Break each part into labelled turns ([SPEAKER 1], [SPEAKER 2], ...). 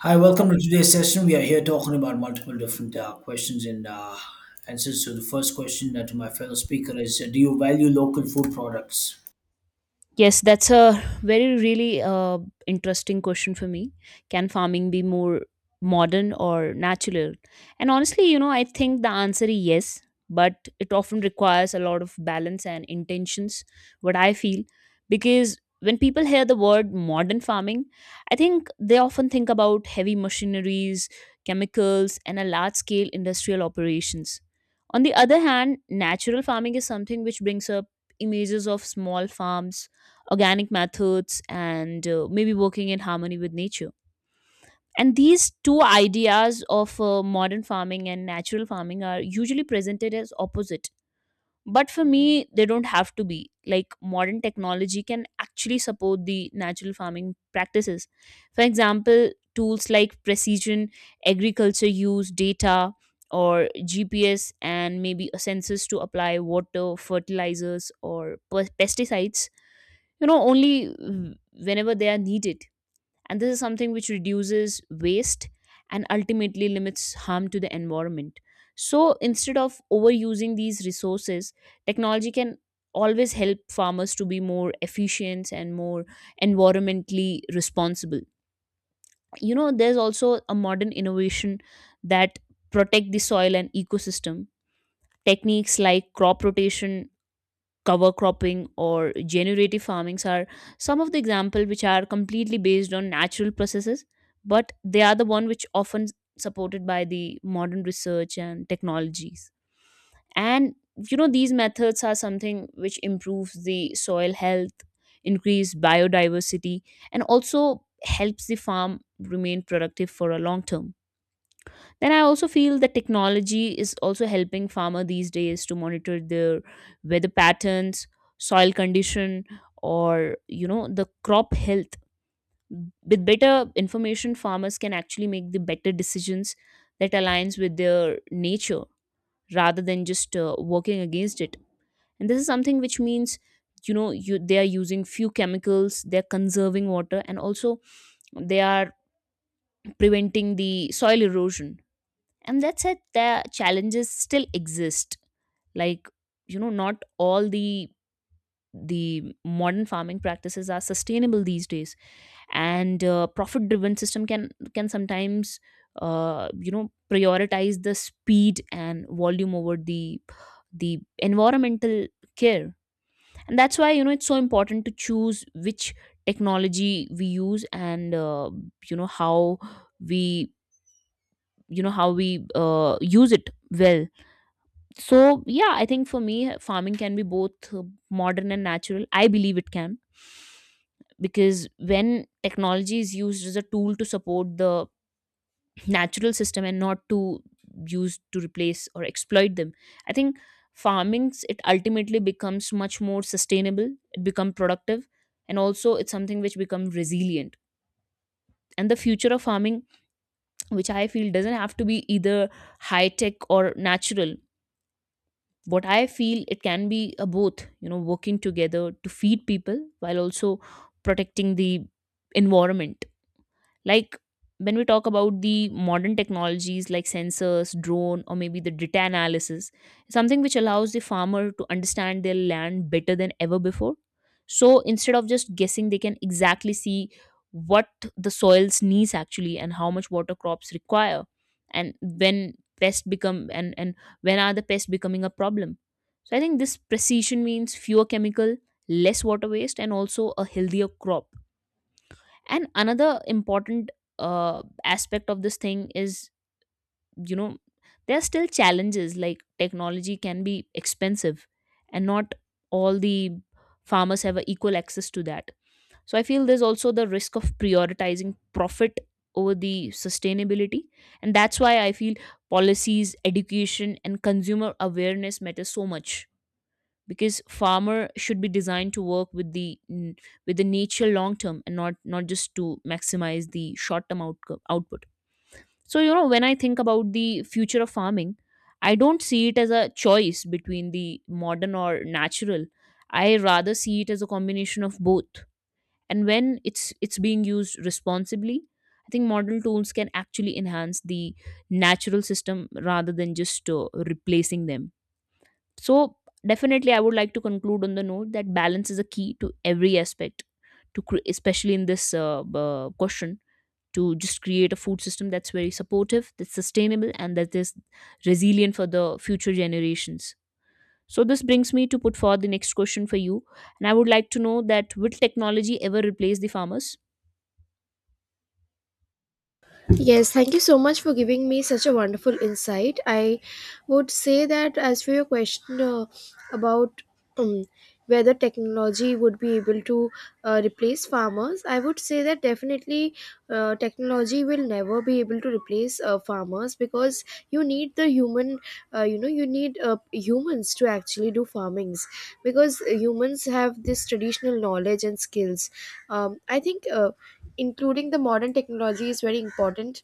[SPEAKER 1] Hi, welcome to today's session. We are here talking about multiple different questions and answers. So, the first question to my fellow speaker is do you value local food products?
[SPEAKER 2] Yes, that's a very really interesting question for me. Can farming be more modern or natural? And honestly, you know, I think the answer is yes, but it often requires a lot of balance and intentions, what I feel, because when people hear the word modern farming, I think they often think about heavy machineries, chemicals, and a large scale industrial operations. On the other hand, natural farming is something which brings up images of small farms organic methods and maybe working in harmony with nature, and these two ideas of modern farming and natural farming are usually presented as opposite, but for me they don't have to be. Like modern technology can actually support the natural farming practices. For example, tools like precision agriculture use data or GPS and maybe a census to apply water, fertilizers, or pesticides, you know, only whenever they are needed, and this is something which reduces waste and ultimately limits harm to the environment. So instead of overusing these resources, technology can always help farmers to be more efficient and more environmentally responsible. You know, there's also a modern innovation that protect the soil and ecosystem. Techniques like crop rotation, cover cropping, or generative farmings are some of the examples which are completely based on natural processes, but they are the one which often supported by the modern research and technologies. And you know, these methods are something which improves the soil health, increase biodiversity, and also helps the farm remain productive for a long term. Then I also feel that technology is also helping farmer these days to monitor their weather patterns, soil condition, or you know, the crop health. With better information, farmers can actually make the better decisions that aligns with their nature rather than just working against it. And this is something which means, you know, you they are using few chemicals, they are conserving water, and also they are preventing the soil erosion. And that said, the challenges still exist. Like, you know, not all the modern farming practices are sustainable these days, and profit driven system can sometimes you know, prioritize the speed and volume over the environmental care. And that's why, you know, it's so important to choose which technology we use, and you know, how we, you know, how we use it. Well, so yeah, I think for me, farming can be both modern and natural. I believe it can, because when technology is used as a tool to support the natural system and not to use to replace or exploit them, I think it ultimately becomes much more sustainable, it becomes productive, and also it's something which becomes resilient. And the future of farming, which I feel doesn't have to be either high tech or natural, what I feel it can be a both, you know, working together to feed people while also protecting the environment. Like when we talk about the modern technologies like sensors, drone, or maybe the data analysis, something which allows the farmer to understand their land better than ever before. So instead of just guessing, they can exactly see what the soils needs actually, and how much water crops require, and when pests become and when are the pests becoming a problem. So I think this precision means fewer chemical, less water waste, and also a healthier crop. And another important aspect of this thing is, you know, there are still challenges. Like technology can be expensive, and not all the farmers have a equal access to that. So I feel there's also the risk of prioritizing profit over the sustainability. And that's why I feel policies, education, and consumer awareness matter so much, because farmer should be designed to work with the with the nature long term, and not just to maximize the short term output. So you know, when I think about the future of farming, I don't see it as a choice between the modern or natural. I rather see it as a combination of both. And when it's being used responsibly, I think modern tools can actually enhance the natural system rather than just replacing them. So, definitely, I would like to conclude on the note that balance is a key to every aspect, especially in this question, to just create a food system that's very supportive, that's sustainable, and that is resilient for the future generations. So, this brings me to put forward the next question for you. And I would like to know that will technology ever replace the farmers?
[SPEAKER 3] Yes, thank you so much for giving me such a wonderful insight. I would say that as for your question about um, whether technology would be able to replace farmers. I would say that definitely technology will never be able to replace farmers, because you need the human, you need humans to actually do farmings, because humans have this traditional knowledge and skills. I think. Including the modern technology is very important,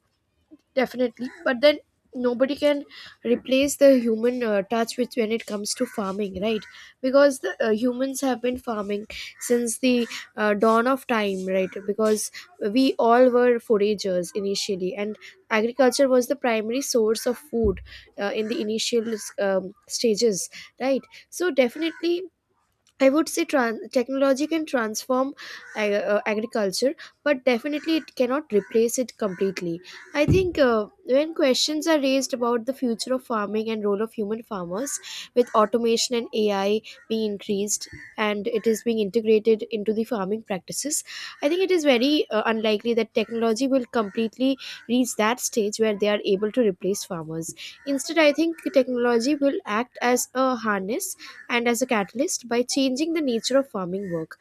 [SPEAKER 3] definitely, but then nobody can replace the human touch which when it comes to farming, right? Because the humans have been farming since the dawn of time, right? Because we all were foragers initially, and agriculture was the primary source of food in the initial stages, right? So definitely I would say technology can transform agriculture, but definitely it cannot replace it completely. I think when questions are raised about the future of farming and role of human farmers, with automation and AI being increased and it is being integrated into the farming practices, I think it is very unlikely that technology will completely reach that stage where they are able to replace farmers. Instead, I think technology will act as a harness and as a catalyst by changing the nature of farming work.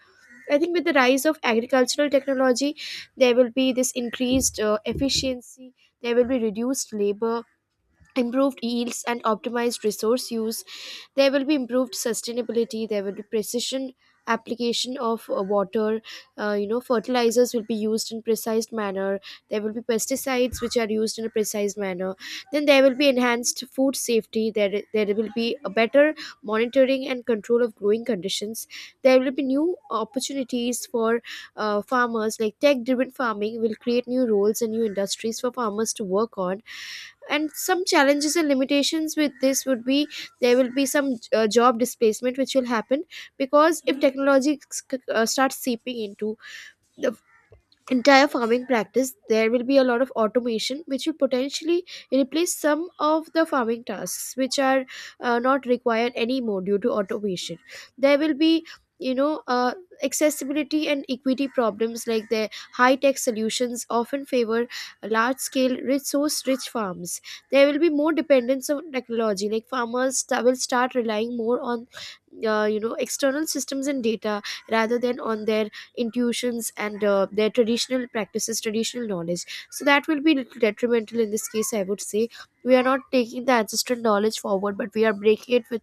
[SPEAKER 3] I think with the rise of agricultural technology, there will be this increased efficiency, there will be reduced labor, improved yields, and optimized resource use. There will be improved sustainability. There will be precision application of water. Fertilizers will be used in precise manner. There will be pesticides which are used in a precise manner. Then there will be enhanced food safety. There will be a better monitoring and control of growing conditions. There will be new opportunities for farmers. Like tech driven farming will create new roles and new industries for farmers to work on, and some challenges and limitations with this would be there will be some job displacement which will happen, because if technology starts seeping into the entire farming practice, there will be a lot of automation which will potentially replace some of the farming tasks which are not required anymore due to automation. There will be you know uh, accessibility and equity problems, like the high tech solutions often favor large scale resource rich farms. There will be more dependence on technology, like farmers will start relying more on external systems and data rather than on their intuitions and their traditional practices, traditional knowledge, so that will be little detrimental in this case. I would say we are not taking the ancestral knowledge forward, but we are breaking it with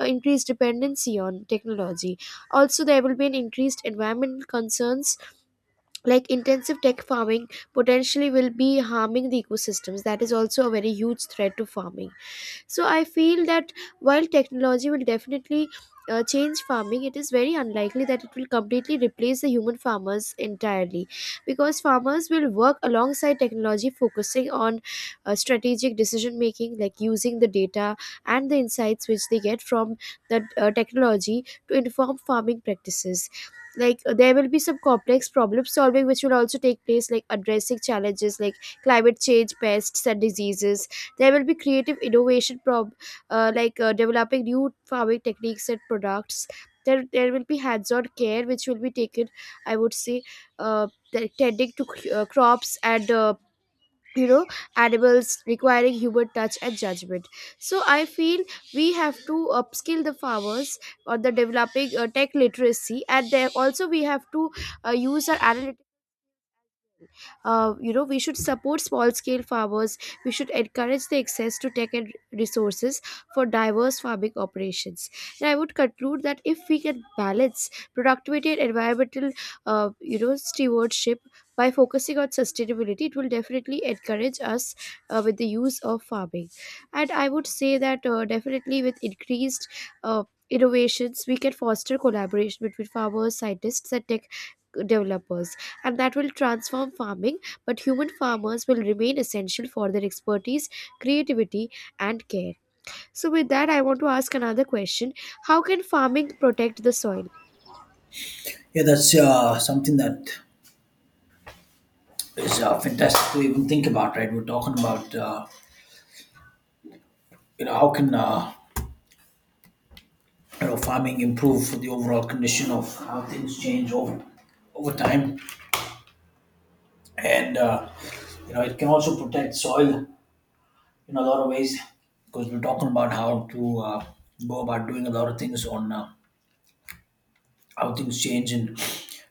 [SPEAKER 3] increased dependency on technology. Also there will be an increased environmental concerns, like intensive tech farming potentially will be harming the ecosystems. That is also a very huge threat to farming. So I feel that while technology will definitely change farming, it is very unlikely that it will completely replace the human farmers entirely, because farmers will work alongside technology, focusing on strategic decision making, like using the data and the insights which they get from the technology to inform farming practices. Like There will be some complex problem solving which will also take place, like addressing challenges like climate change, pests and diseases. There will be creative innovation prob like developing new farming techniques and products. There will be hands-on care which will be taken, I would say, uh, tending to crops and you know animals, requiring human touch and judgment. So I feel we have to upskill the farmers on the developing tech literacy, and there also we have to use our analytics. We should support small scale farmers, we should encourage the access to tech and resources for diverse farming operations. And I would conclude that if we can balance productivity and environmental stewardship by focusing on sustainability, it will definitely encourage us with the use of farming. And I would say that definitely with increased uh, innovations we can foster collaboration between farmers, scientists and tech developers, and that will transform farming, but human farmers will remain essential for their expertise, creativity, and care. So, with that, I want to ask another question. How can farming protect the soil?
[SPEAKER 1] Yeah, that's something that is fantastic to even think about, right? We're talking about, how can farming improve for the overall condition of how things change over time. And, it can also protect soil in a lot of ways because we're talking about how to go about doing a lot of things on. How things change and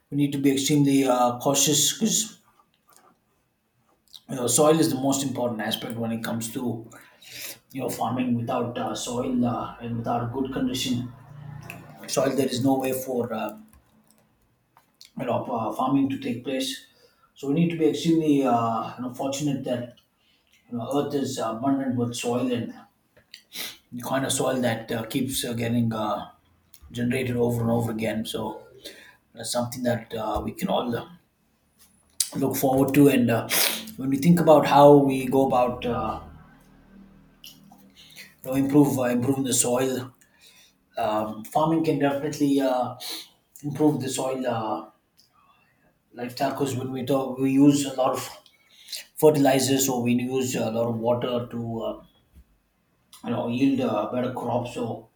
[SPEAKER 1] we need to be extremely cautious because you know, soil is the most important aspect when it comes to you know farming without soil and without good condition soil there is no way for farming to take place. So we need to be extremely fortunate that you know earth is abundant with soil and the kind of soil that keeps getting generated over and over again. So that's something that we can all look forward to. And when we think about how we go about you know, improve improving the soil, farming can definitely improve the soil lifestyle, because when we talk, we use a lot of fertilizers, or we use a lot of water to you know yield better crops. So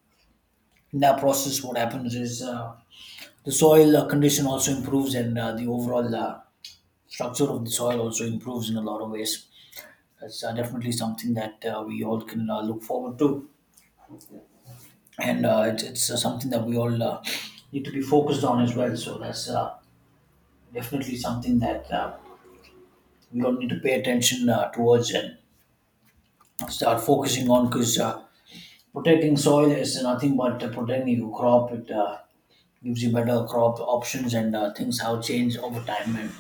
[SPEAKER 1] in that process, what happens is the soil condition also improves, and the overall structure of the soil also improves in a lot of ways. That's definitely something that we all can look forward to. And it's something that we all need to be focused on as well. So that's definitely something that we all need to pay attention towards and start focusing on, because protecting soil is nothing but protecting your crop. It gives you better crop options and things how change over time and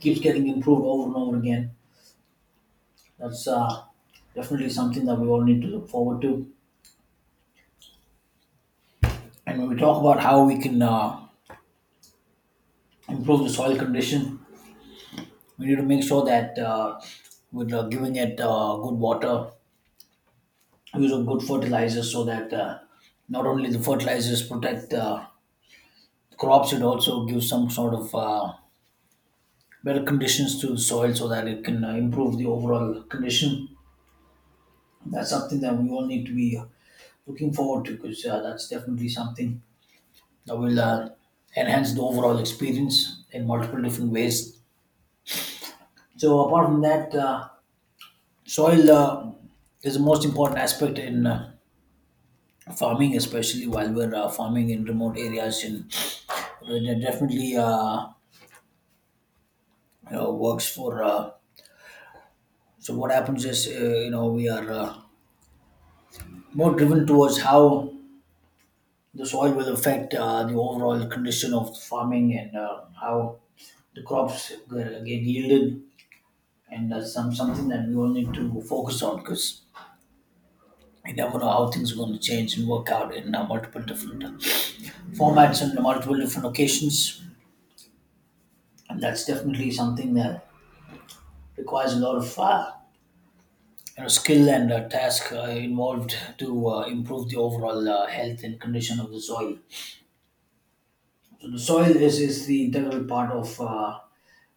[SPEAKER 1] keeps getting improved over and over again. That's definitely something that we all need to look forward to. And when we talk about how we can improve the soil condition, we need to make sure that we're giving it good water, using good fertilizers so that not only the fertilizers protect crops, it also gives some sort of better conditions to the soil so that it can improve the overall condition. That's something that we all need to be looking forward to, because that's definitely something that will enhance the overall experience in multiple different ways. So apart from that, soil is the most important aspect in farming, especially while we're farming in remote areas, and it definitely works for. So what happens is you know we are more driven towards how the soil will affect the overall condition of farming and how the crops get yielded, and that's something that we all need to focus on because. You never know how things are going to change and work out in multiple different formats and multiple different occasions, and that's definitely something that requires a lot of skill and task involved to improve the overall health and condition of the soil. So the soil is the integral part of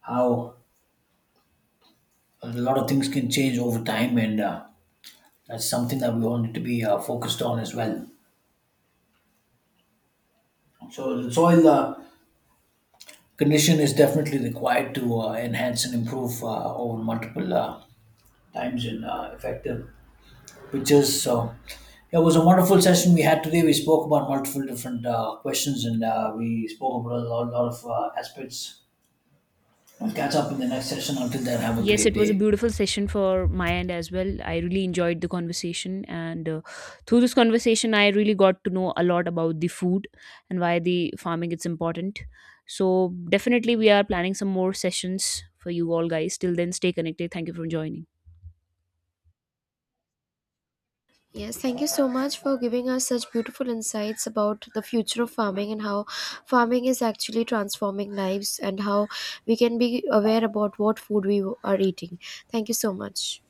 [SPEAKER 1] how a lot of things can change over time, and that's something that we all need to be focused on as well. So the soil condition is definitely required to enhance and improve over multiple times and effective which is so. Yeah, it was a wonderful session we had today. We spoke about multiple different questions and we spoke about a lot of aspects. We'll catch up in the next session. Until then, have a
[SPEAKER 2] Yes,
[SPEAKER 1] great
[SPEAKER 2] it was a
[SPEAKER 1] day.
[SPEAKER 2] beautiful session for my end as well. I really enjoyed the conversation, and through this conversation, I really got to know a lot about the food and why the farming is important. So definitely, we are planning some more sessions for you all guys. Till then, stay connected. Thank you for joining.
[SPEAKER 3] Yes, thank you so much for giving us such beautiful insights about the future of farming and how farming is actually transforming lives and how we can be aware about what food we are eating. Thank you so much.